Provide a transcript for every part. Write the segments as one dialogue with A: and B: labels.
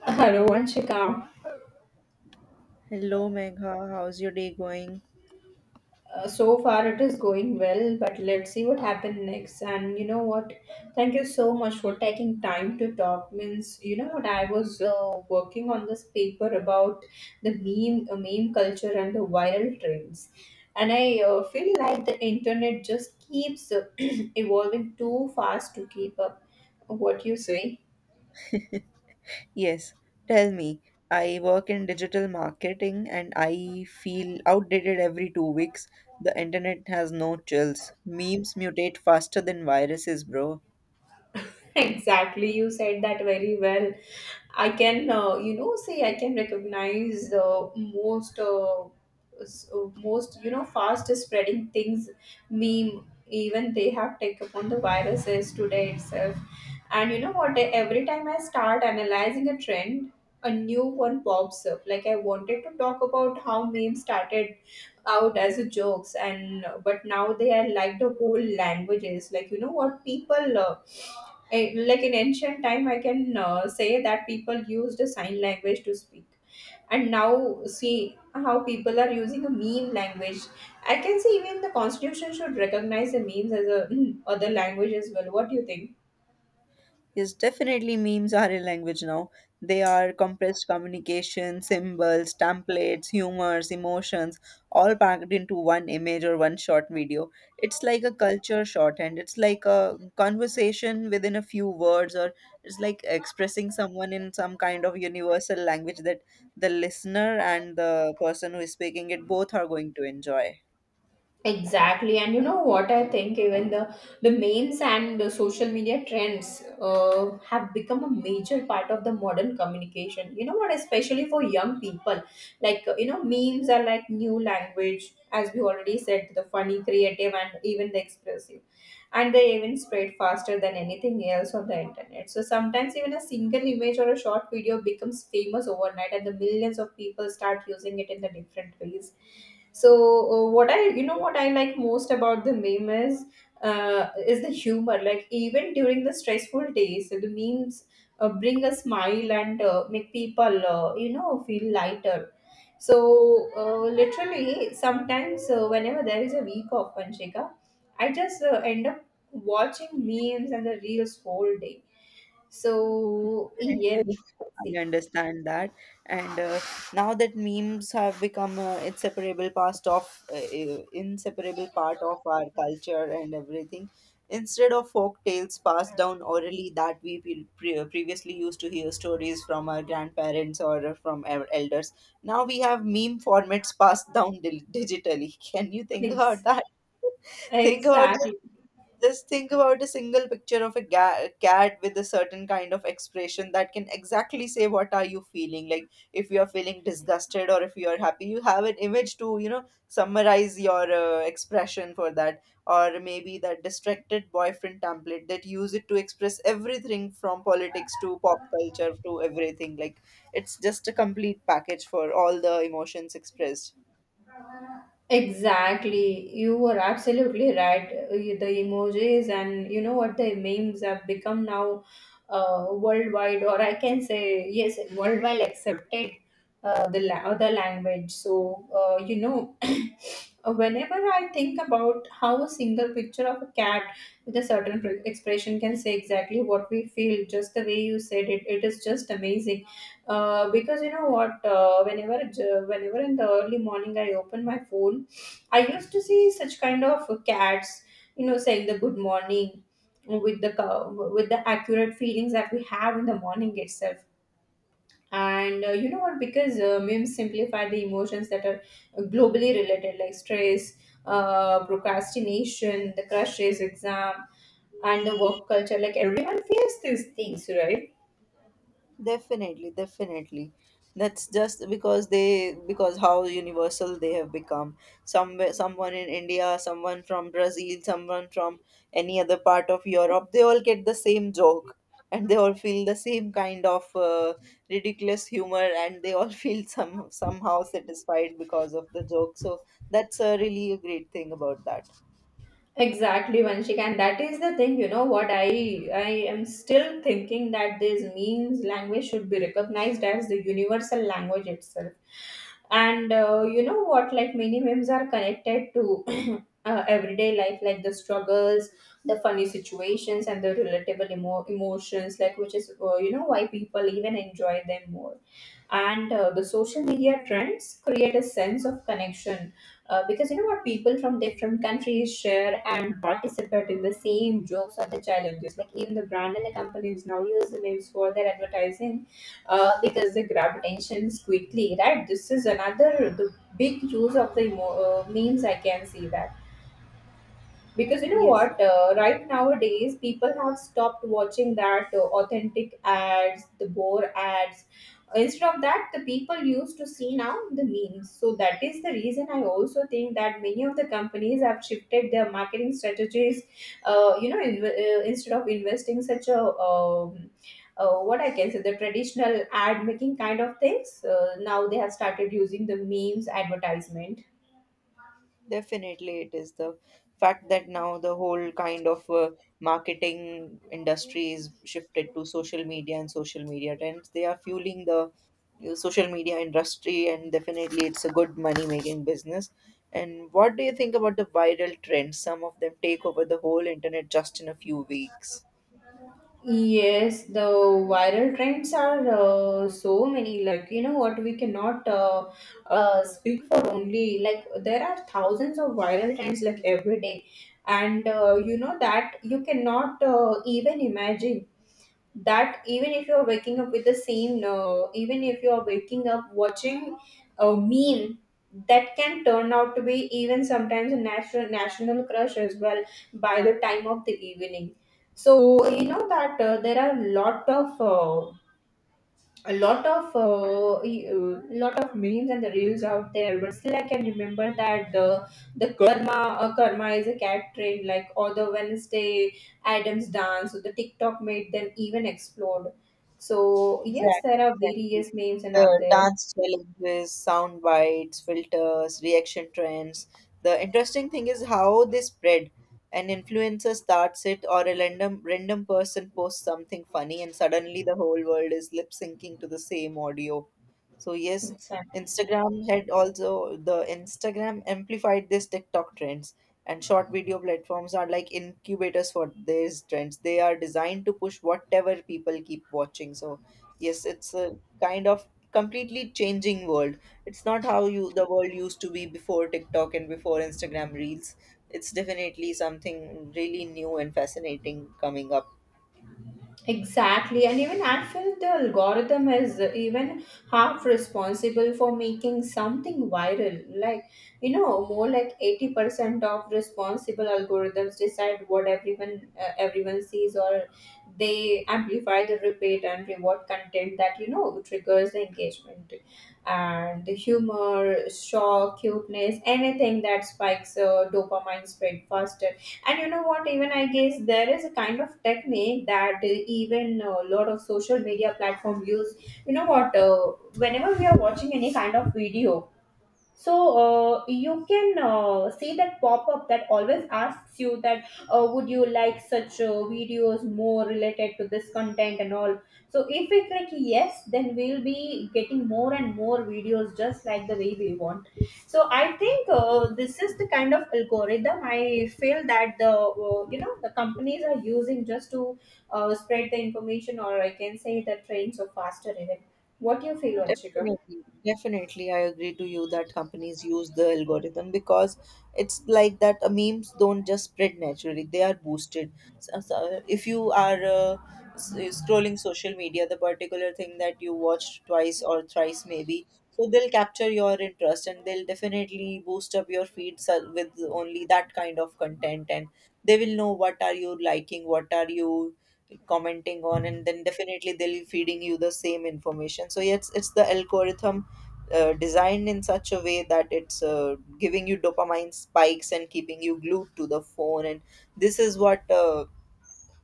A: Rohanshika,
B: Hello, Megha. How's your day going?
A: so far it is going well, but let's see what happens next. And you know what? Thank you so much for taking time to talk. Means you know what? I was working on this paper about the meme culture and the viral trends, and I feel like the internet just keeps evolving too fast to keep up. What you say?
B: Yes, tell me. I work in digital marketing and I feel outdated every 2 weeks. The internet has no chills. Memes mutate faster than viruses, bro.
A: Exactly, you said that very well. I can say I can recognize most fast spreading things, meme. Even they have taken upon the viruses today itself. And you know what? Every time I start analyzing a trend, a new one pops up. Like, I wanted to talk about how memes started out as a jokes, and but now they are like the whole languages. Like, you know what, people like in ancient time, I can say that people used a sign language to speak, and now see how people are using a meme language. I can see even the constitution should recognize the memes as a other language as well. What do you think?
B: Yes, definitely memes are a language now. They are compressed communication, symbols, templates, humors, emotions, all packed into one image or one short video. It's like a culture shorthand. It's like a conversation within a few words, or it's like expressing someone in some kind of universal language that the listener and the person who is speaking it both are going to enjoy.
A: Exactly, and you know what I think? Even the memes and the social media trends have become a major part of the modern communication. You know what? Especially for young people, like, memes are like new language, as we already said, the funny, creative, and even the expressive, and they even spread faster than anything else on the internet. So sometimes even a single image or a short video becomes famous overnight, and the millions of people start using it in the different ways. So what I like most about the meme is the humor. Like, even during the stressful days, the memes bring a smile and make people feel lighter. So literally sometimes whenever there is a week of Panchika, I just end up watching memes and the reels whole day. So yes,
B: Definitely, I understand that, and now that memes have become a inseparable part of our culture and everything, instead of folk tales passed down orally that we previously used to hear stories from our grandparents or from our elders. Now we have meme formats passed down dil digitally. Can you think about
A: ex-
B: that? Think about
A: exactly.
B: just think about a single picture of a cat with a certain kind of expression that can exactly say what are you feeling. Like, if you are feeling disgusted or if you are happy, you have an image to summarize your expression for that, or maybe that distracted boyfriend template that use it to express everything from politics to pop culture to everything. Like, it's just a complete package for all the emotions expressed.
A: Exactly. You were absolutely right. The emojis and you know what the memes have become now worldwide, or I can say, yes, worldwide accepted other language. So, whenever I think about how a single picture of a cat with a certain expression can say exactly what we feel, just the way you said it, it is just amazing. Because you know what, whenever in the early morning I open my phone, I used to see such kind of cats, you know, saying the good morning with with the accurate feelings that we have in the morning itself. And what, because memes simplify the emotions that are globally related, like stress, procrastination, the crushes, exam, and the work culture. Like, everyone feels these things, right?
B: Definitely, definitely. That's just because they because how universal they have become. Someone in India, someone from Brazil, someone from any other part of Europe, they all get the same joke, and they all feel the same kind of ridiculous humor, and they all feel somehow satisfied because of the joke. So that's really a great thing about that.
A: Exactly, Vanshika, and that is the thing. You know what? I am still thinking that this memes language should be recognized as the universal language itself. And what? Like, many memes are connected to everyday life, like the struggles, the funny situations, and the relatable emotions. Like, which is why people even enjoy them more. And the social media trends create a sense of connection because you know what, people from different countries share and participate in the same jokes or the challenges. Like, even the brand and the companies now use the memes for their advertising because they grab attention quickly, right? This is another the big use of the memes. I can see that, because you know
B: Yes,
A: what right nowadays people have stopped watching that authentic ads, the bore ads. Instead of that, the people used to see now the memes. So that is the reason I also think that many of the companies have shifted their marketing strategies, in, instead of investing such a um, what I can say, the traditional ad making kind of things. Now they have started using the memes advertisement.
B: definitely, it is the fact that now the whole kind of marketing industry is shifted to social media and social media trends. They are fueling the social media industry, and definitely, it's a good money making business. And what do you think about the viral trends? Some of them take over the whole internet just in a few weeks.
A: Yes, the viral trends are so many. Like, you know what, we cannot speak for only, like, there are thousands of viral trends like every day. And you know that you cannot even imagine that even if you're waking up with the same even if you're waking up watching a meme that can turn out to be even sometimes a national national crush as well by the time of the evening. So you know that there are a lot of e- lot of memes and the reels out there. But still I can remember that the karma is a cat trend, like, or the Wednesday Adams dance, or the TikTok made them even explode. So yes,
B: Exactly,
A: there are
B: exactly.
A: various memes and out
B: The
A: there.
B: dance challenges, sound bites, filters, reaction trends. The interesting thing is how they spread. An influencer starts it, or a random person posts something funny, and suddenly the whole world is lip syncing to the same audio. So yes,
A: Exactly.
B: Instagram had also the Instagram amplified this TikTok trends, and short video platforms are like incubators for these trends. They are designed to push whatever people keep watching. So yes, it's a kind of completely changing world. It's not how you the world used to be before TikTok and before Instagram reels. It's definitely something really new and fascinating coming up.
A: Exactly, and even I feel the algorithm is even half responsible for making something viral. Like, you know, more like 80% of responsible algorithms decide what everyone everyone sees, or they amplify the repeat and reward content that, you know, triggers the engagement and the humor, shock, cuteness, anything that spikes dopamine spread faster. And you know what, even I guess there is a kind of technique that even a lot of social media platform use. You know what, whenever we are watching any kind of video, so you can see that pop-up that always asks you that would you like such videos more related to this content and all. So if we click yes, then we'll be getting more and more videos just like the way we want. So I think this is the kind of algorithm I feel that the, the companies are using just to spread the information, or I can say the trends or faster even. What do you feel, Anshika?
B: Definitely, definitely, I agree to you that companies use the algorithm because it's like that memes don't just spread naturally, they are boosted. So, if you are scrolling social media, the particular thing that you watched twice or thrice, maybe, so they'll capture your interest and they'll definitely boost up your feeds with only that kind of content, and they will know what are you liking, what are you commenting on, and then definitely they'll be feeding you the same information. So yes, it's the algorithm designed in such a way that it's giving you dopamine spikes and keeping you glued to the phone, and this is what uh,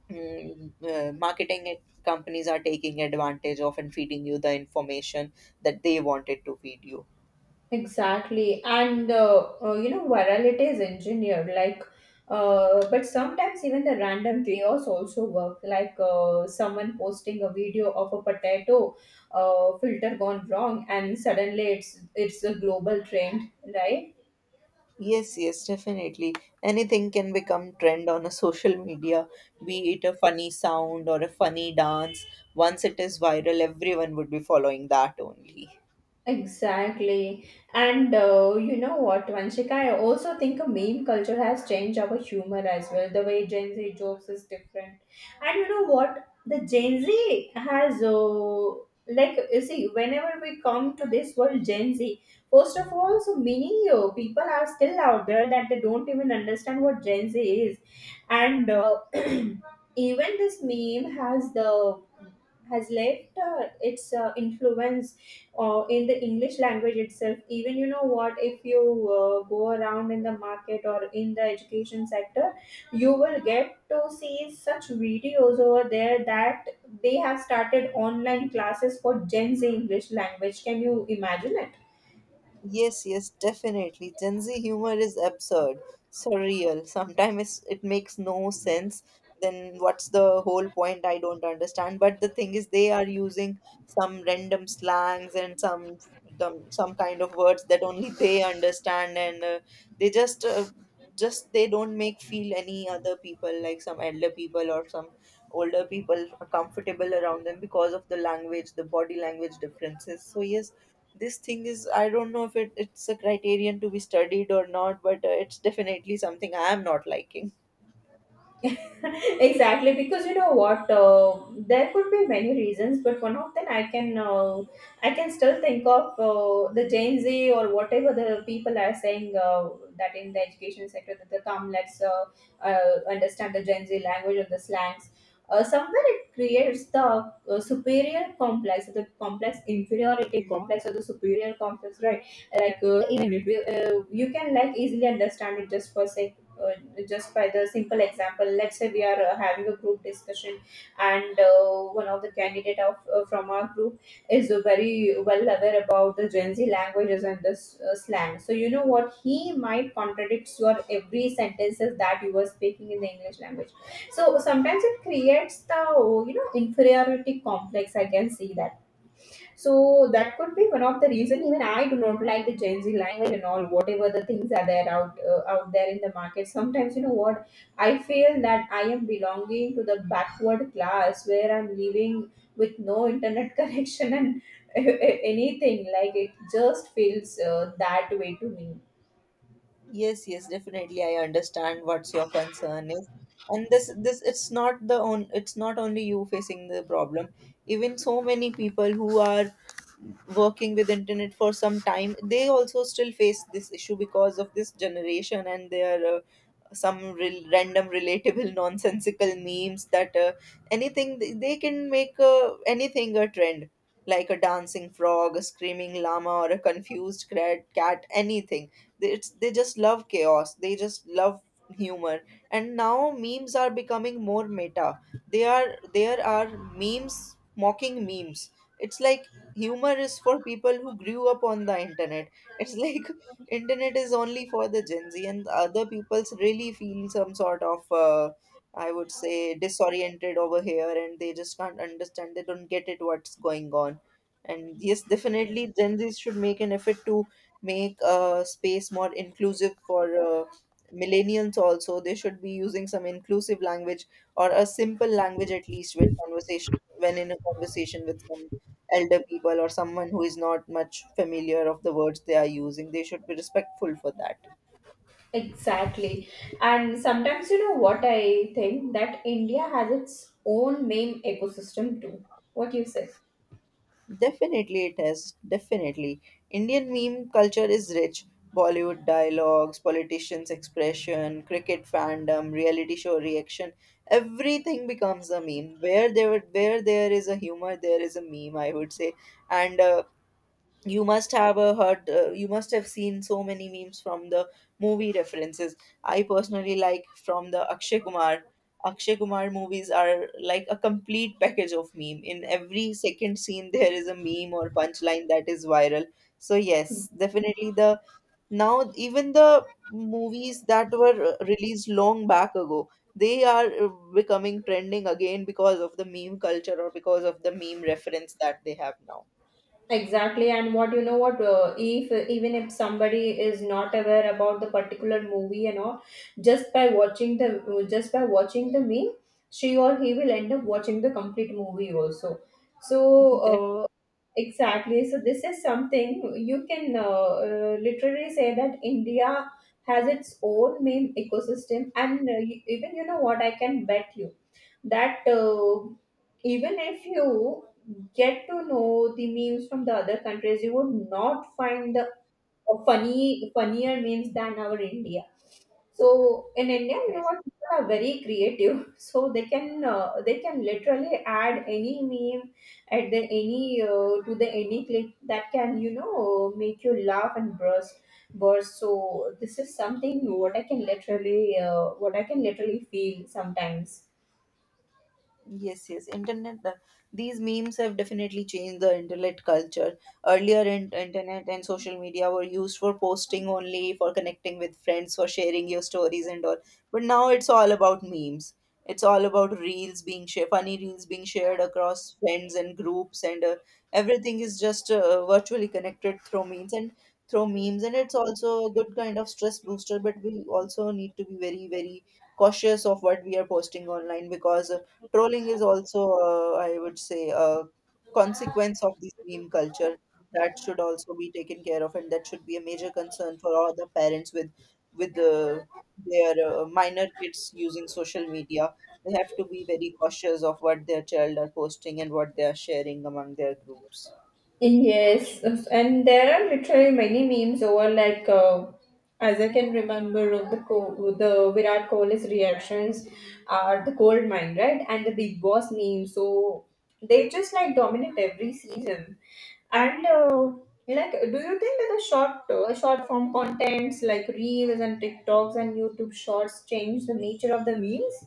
B: mm, uh, marketing companies are taking advantage of and feeding you the information that they wanted to feed you.
A: Exactly, and virality is engineered. Like, but sometimes even the random chaos also work. Like, someone posting a video of a potato filter gone wrong, and suddenly it's a global trend, right?
B: Yes, yes, definitely. Anything can become trend on a social media, be it a funny sound or a funny dance. Once it is viral, everyone would be following that only.
A: Exactly. And what, Vanshika, I also think a meme culture has changed our humor as well. The way Gen Z jokes is different. And you know what? The Gen Z has, like, you see, whenever we come to this world, Gen Z, first of all, so many people are still out there that they don't even understand what Gen Z is. And even this meme has the has left its influence in the English language itself. Even, you know what, if you go around in the market or in the education sector, you will get to see such videos over there that they have started online classes for Gen Z English language. Can you imagine it?
B: Yes, yes, definitely. Gen Z humor is absurd, surreal. Sometimes it makes no sense. Then what's the whole point? I don't understand. But the thing is, they are using some random slangs and some them, some kind of words that only they understand, and they just they don't make feel any other people, like some elder people or some older people, comfortable around them because of the language, the body language differences. So yes, this thing is, I don't know if it's a criterion to be studied or not, but it's definitely something I am not liking.
A: Exactly, because you know what, there could be many reasons, but one of them I can I can still think of, the Gen Z, or whatever the people are saying, that in the education sector, that they come, let's understand the Gen Z language or the slangs, somewhere it creates the superior complex the complex inferiority complex or the superior complex, right? Like, even if you, you can like easily understand it, just for saying, uh, just by the simple example, let's say we are having a group discussion, and one of the candidate of from our group is very well aware about the Gen Z languages and the slang. So you know what, he might contradict your every sentences that you were speaking in the English language. So sometimes it creates the, you know, inferiority complex. I can see that. So that could be one of the reason. Even I do not like the Gen Z language and all. Whatever the things are there out there in the market. Sometimes you know what, I feel that I am belonging to the backward class where I'm living with no internet connection and anything. Like, it just feels that way to me.
B: Yes, yes, definitely. I understand what's your concern is. And this it's not only you facing the problem. Even so many people who are working with internet for some time, they also still face this issue because of this generation and their some real random relatable nonsensical memes that anything they can make anything a trend, like a dancing frog, a screaming llama, or a confused cat, anything. They they just love chaos, they just love humor, and now memes are becoming more meta. They are There are memes mocking memes. It's like humor is for people who grew up on the internet. It's like internet is only for the Gen Z, and the other people's really feel some sort of I would say disoriented over here, and they just can't understand, they don't get it what's going on. And yes, definitely Gen Z should make an effort to make space more inclusive for millennials also. They should be using some inclusive language or a simple language, at least when conversation, when in a conversation with some elder people or someone who is not much familiar of the words they are using. They should be respectful for that.
A: Exactly. And sometimes you know what I think that India has its own meme ecosystem too. What do you say?
B: Definitely, it has. Definitely. Indian meme culture is rich. Bollywood dialogues, politicians' expression, cricket fandom, reality show reaction. Everything becomes a meme. Where there is a humor, there is a meme, I would say, and you must have heard, you must have seen so many memes from the movie references. I personally like from the Akshay Kumar movies. Are like a complete package of meme. In every second scene there is a meme or punchline that is viral. So yes, definitely, the now even the movies that were released long back ago, they are becoming trending again because of the meme culture or because of the meme reference that they have now.
A: Exactly, and what you know what if even if somebody is not aware about the particular movie and all, just by watching the meme, she or he will end up watching the complete movie also. So uh, exactly, so this is something you can literally say that India has its own meme ecosystem, and even you know what, I can bet you that even if you get to know the memes from the other countries, you would not find the funny funnier memes than our India. So in India, you know
B: Definitely.
A: what, people are very creative, so they can literally add any meme at the any to the any clip that can, you know, make you laugh and burst. So this is something what I can literally feel sometimes.
B: Yes, yes. These memes have definitely changed the internet culture. Earlier, internet and social media were used for posting only, for connecting with friends, for sharing your stories and all. But now it's all about memes. It's all about reels being shared, funny reels being shared across friends and groups, and everything is just virtually connected through memes. And it's also a good kind of stress booster, but we also need to be very, very cautious of what we are posting online, because trolling is also, I would say, a consequence of this meme culture that should also be taken care of, and that should be a major concern for all the parents with with uh, their minor kids using social media. They have to be very cautious of what their child are posting and what they are sharing among their groups.
A: Yes, and there are literally many memes over, like as I can remember, the Virat Kohli's reactions are the gold mine, right? And the Big Boss meme. So they just like dominate every season. And like, do you think that the short form contents like reels and TikToks and YouTube shorts change the nature of the memes?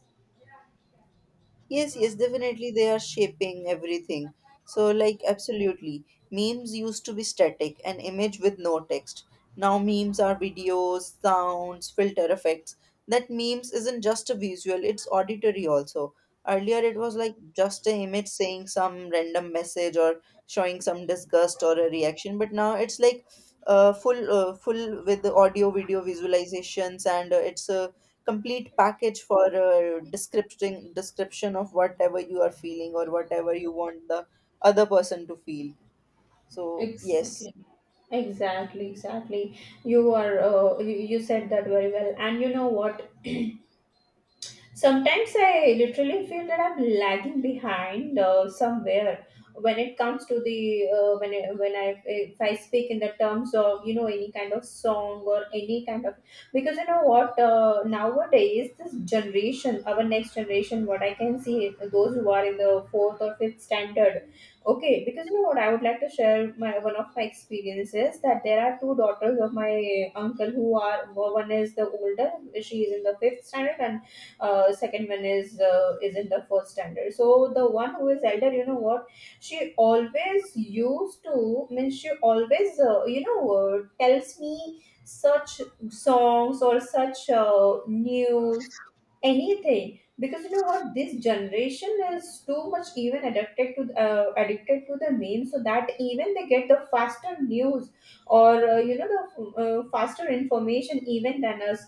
B: Yes, yes, definitely they are shaping everything. So, like, absolutely. Memes used to be static, an image with no text. Now, memes are videos, sounds, filter effects. That memes isn't just a visual, it's auditory also. Earlier, it was like just an image saying some random message or showing some disgust or a reaction, but now it's like full with the audio, video visualizations, and it's a complete package for a description of whatever you are feeling or whatever you want the other person to feel. So yes.
A: Exactly. Exactly, exactly. You are you said that very well. And you know what? Sometimes I literally feel that I'm lagging behind somewhere when it comes to the when I, if I speak in the terms of, you know, any kind of song or any kind of, because you know what, nowadays this generation, our next generation, what I can see is those who are in the fourth or fifth standard. Okay, because you know what, I would like to share my one of my experiences that there are two daughters of my uncle. Who are one is the older, she is in the fifth standard, and second one is in the first standard. So the one who is elder, you know what, she always used to means she always you know, tells me such songs or such news, anything, because you know what, this generation is too much even addicted to the meme, so that even they get the faster news or you know, the faster information even than us.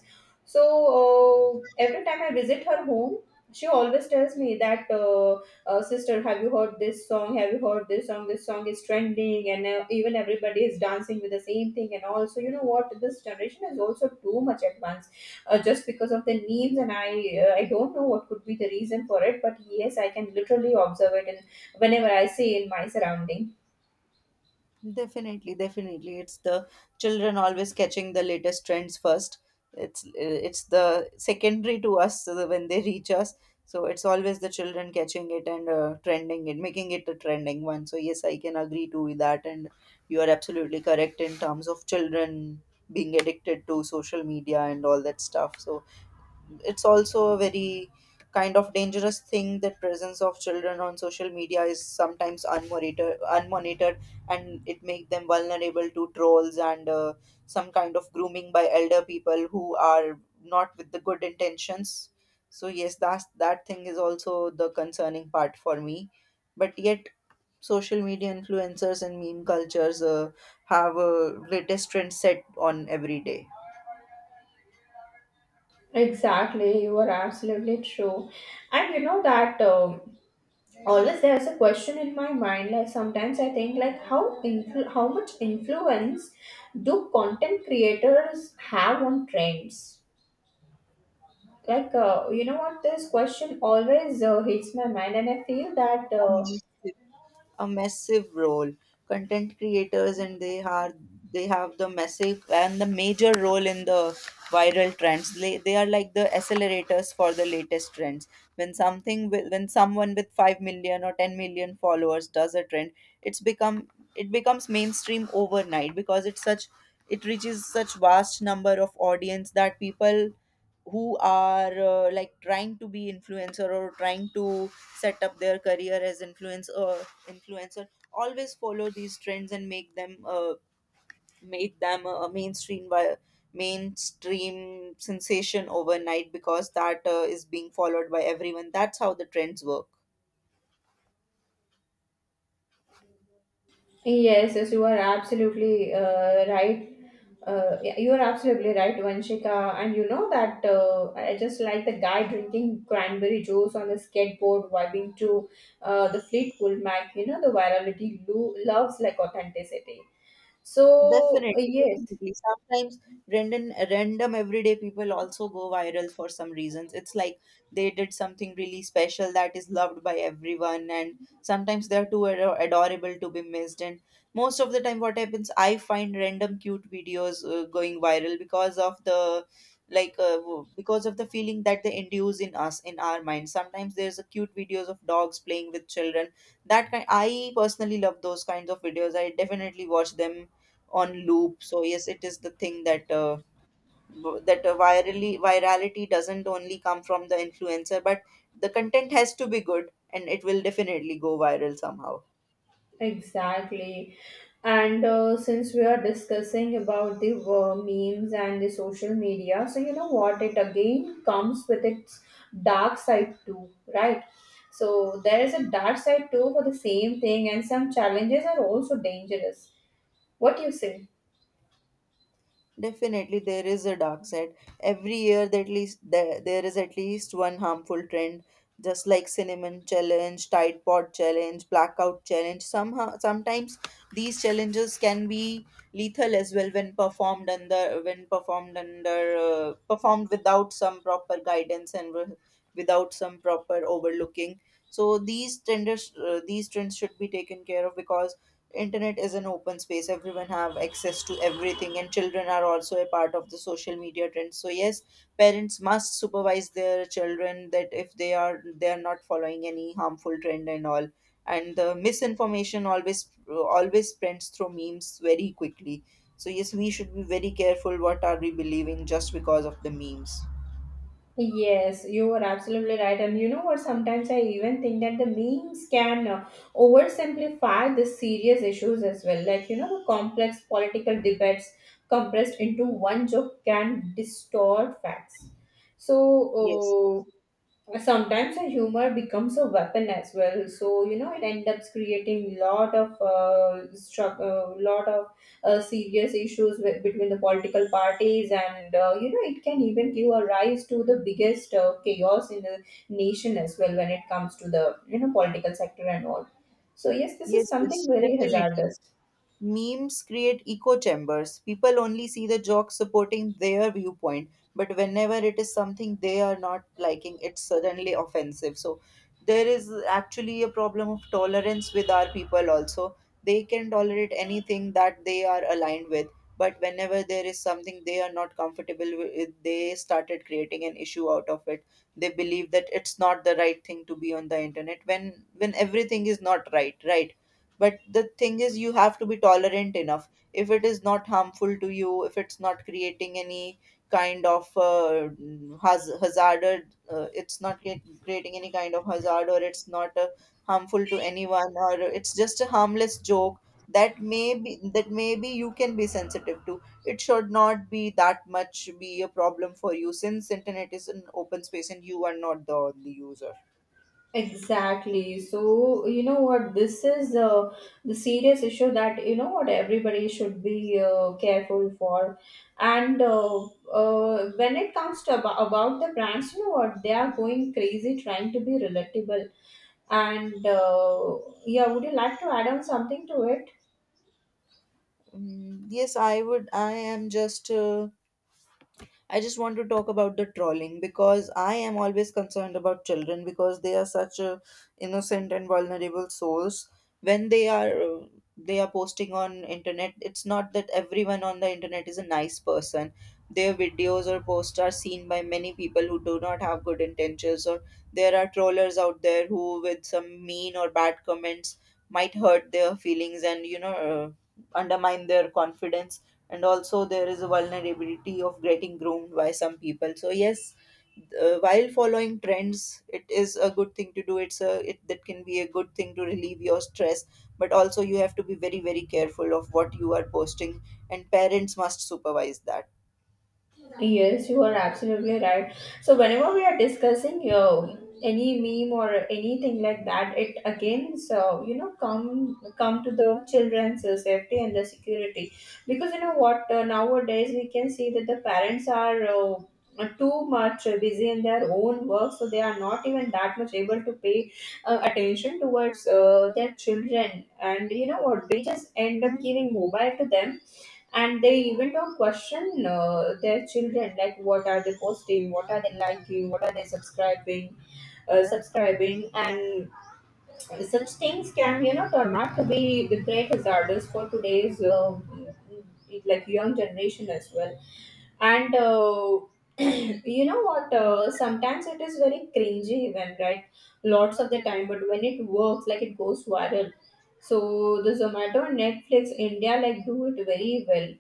A: So every time I visit her home, she always tells me that, sister, have you heard this song? Have you heard this song? This song is trending, and even everybody is dancing with the same thing. And also, you know what? This generation is also too much advanced, just because of the memes. I don't know what could be the reason for it, but yes, I can literally observe it, and whenever I see in my surrounding.
B: Definitely, definitely. It's the children always catching the latest trends first. It's the secondary to us so that when they reach us. So it's always the children catching it and trending it, making it a trending one. So yes, I can agree to that, and you are absolutely correct in terms of children being addicted to social media and all that stuff. So it's also a very kind of dangerous thing that presence of children on social media is sometimes unmonitored, and it make them vulnerable to trolls and some kind of grooming by elder people who are not with the good intentions. So yes, that that thing is also the concerning part for me. But yet, social media influencers and meme cultures have a latest trend set on every day.
A: Exactly, you are absolutely true, and you know that. Always there's a question in my mind, like sometimes I think like, how much influence do content creators have on trends, like you know what, this question always hits my mind, and I feel that
B: A massive role. Content creators and they have the massive and the major role in the viral trends. They are like the accelerators for the latest trends. When someone with 5 million or 10 million followers does a trend, it's become it becomes mainstream overnight because it reaches such vast number of audience that people who are like trying to be influencer or trying to set up their career as influencer always follow these trends and make them a mainstream sensation overnight because that is being followed by everyone. That's how the trends work.
A: yes, yes, you are absolutely right. Yeah, you are absolutely right, Vanshika. And you know that I just like the guy drinking cranberry juice on the skateboard, vibing to the Fleetwood Mac. You know, the virality loves like authenticity. So,
B: Definitely,
A: yes.
B: definitely. Sometimes random everyday people also go viral for some reasons. It's like they did something really special that is loved by everyone, and sometimes they're adorable to be missed. And most of the time, what happens, I find random cute videos going viral because of the because of the feeling that they induce in us in our mind. Sometimes there's a cute videos of dogs playing with children. That kind, I personally love those kinds of videos. I definitely watch them on loop. So yes, it is the thing that v- that virally virality doesn't only come from the influencer, but the content has to be good and it will definitely go viral somehow.
A: Exactly. And since we are discussing about the memes and the social media, so you know what? It again comes with its dark side too, right? So there is a dark side too for the same thing, and some challenges are also dangerous. What do you say?
B: Definitely, there is a dark side. Every year, at least there is at least one harmful trend, just like cinnamon challenge, Tide Pod challenge, blackout challenge. Somehow, sometimes these challenges can be lethal as well when performed under performed without some proper guidance and without some proper overlooking. So these trends should be taken care of because internet is an open space, everyone have access to everything, and children are also a part of the social media trends. So yes, parents must supervise their children that if they are not following any harmful trend and all. And the misinformation always spreads through memes very quickly. So yes, we should be very careful what are we believing just because of the memes.
A: Yes, you are absolutely right. And you know what? Sometimes I even think that the memes can oversimplify the serious issues as well. Like, you know, the complex political debates compressed into one joke can distort facts.
B: Yes,
A: So, sometimes a humor becomes a weapon as well. So, you know, it ends up creating lot of struggle, lot of serious issues with, between the political parties, and you know, it can even give a rise to the biggest chaos in the nation as well when it comes to the, you know, political sector and all. So yes, this is
B: yes,
A: something
B: yes,
A: very
B: definitely.
A: hazardous.
B: Memes create echo chambers. People only see the joke supporting their viewpoint, but whenever it is something they are not liking, it's suddenly offensive. So there is actually a problem of tolerance with our people also. They can tolerate anything that they are aligned with, but whenever there is something they are not comfortable with, they started creating an issue out of it. They believe that it's not the right thing to be on the internet when everything is not right, right? But the thing is, you have to be tolerant enough. If it is not harmful to you, if it's not creating any kind of uh, hazard, it's not cre- creating any kind of hazard, or it's not harmful to anyone, or it's just a harmless joke that maybe you can be sensitive to, it should not be that much be a problem for you, since internet is an open space and you are not the only user.
A: Exactly. So, you know what, this is the serious issue that, you know what, everybody should be careful for. And when it comes to about the brands, you know what, they are going crazy trying to be relatable. And yeah, would you like to add on something to it?
B: Mm, yes, I would. I just want to talk about the trolling because I am always concerned about children, because they are such innocent and vulnerable souls. When they are They are posting on internet. It's not that everyone on the internet is a nice person. Their videos or posts are seen by many people who do not have good intentions, or there are trollers out there who, with some mean or bad comments, might hurt their feelings and undermine their confidence. And also there is a vulnerability of getting groomed by some people. So yes, while following trends, it is a good thing to do. It that can be a good thing to relieve your stress, but also you have to be very very careful of what you are posting, and parents must supervise that.
A: Yes, you are absolutely right. So whenever we are discussing any meme or anything like that, it again, so you know, come to the children's safety and the security, because you know what, nowadays we can see that the parents are. Too much busy in their own work, so they are not even that much able to pay attention towards their children, and you know what, they just end up giving mobile to them, and they even don't question their children, like what are they posting, what are they liking, what are they subscribing, and such things can, you know, turn out to be the great hazards for today's like young generation as well. And you know what, sometimes it is very cringy even, right, lots of the time, but when it works, like it goes viral. So the Zomato and Netflix India like do it very well,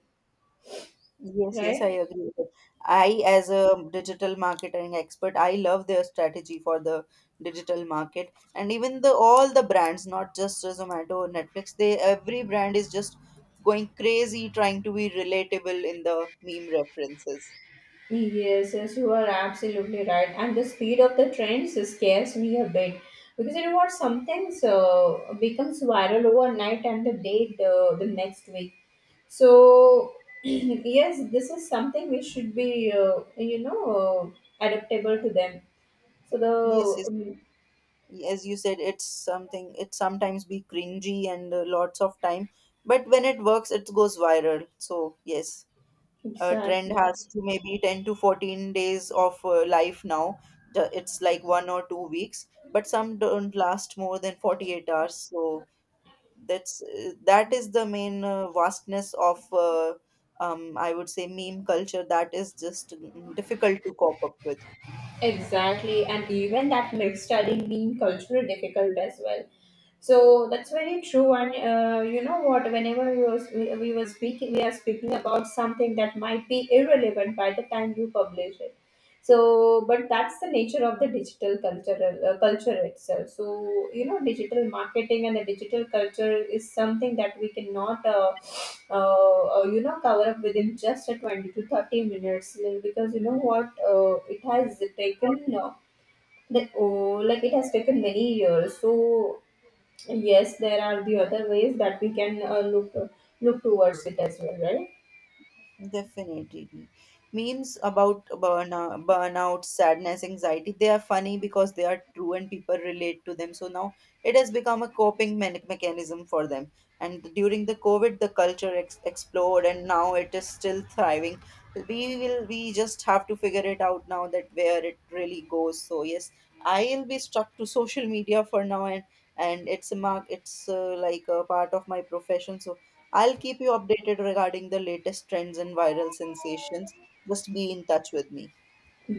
B: Yes, yes,
A: right?
B: I agree with it. I, as a digital marketing expert, I love their strategy for the digital market, and even the all the brands, not just Zomato or Netflix. They Every brand is just going crazy trying to be relatable in the meme references.
A: Yes, yes, you are absolutely right. And the speed of the trends scares me a bit, because you know what? Something so becomes viral overnight and the day the next week. So yes, this is something we should be you know, adaptable to them. So
B: Yes,
A: the
B: yes. As you said, it's something. It sometimes be cringy and lots of time, but when it works, it goes viral. So yes. Trend
A: exactly.
B: has to maybe 10 to 14 days of life now. It's like 1 or 2 weeks, but some don't last more than 48 hours. So that is the main vastness of I would say meme culture, that is just difficult to cope up with.
A: Exactly, and even that makes studying being cultural difficult as well. So that's very true. And you know what? Whenever we were speaking, we are speaking about something that might be irrelevant by the time you publish it. So but that's the nature of the digital cultural culture itself. So you know, digital marketing and the digital culture is something that we cannot you know, cover up within just a 20 to 30 minutes, like, because you know what, it has taken like it has taken many years. So yes, there are the other ways that we can look towards it as well, right?
B: Definitely. Memes about burnout, sadness, anxiety, they are funny because they are true and people relate to them. So now it has become a mechanism for them. And during the COVID, the culture exploded and now it is still thriving. We just have to figure it out now that where it really goes. So yes, I'll be stuck to social media for now, and it's a mark it's like a part of my profession, so I'll keep you updated regarding the latest trends and viral sensations. Just be in touch with me.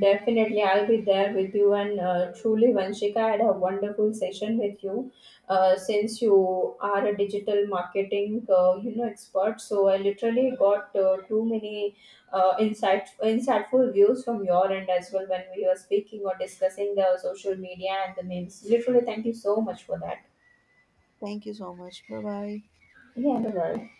A: Definitely, I'll be there with you. And truly, Vanshika, I had a wonderful session with you. Since you are a digital marketing, you know, expert, so I literally got too many insightful views from your end as well when we were speaking or discussing the social media and the memes. Literally, thank you so much for that.
B: Thank you so much. Bye bye.
A: Yeah, no worries.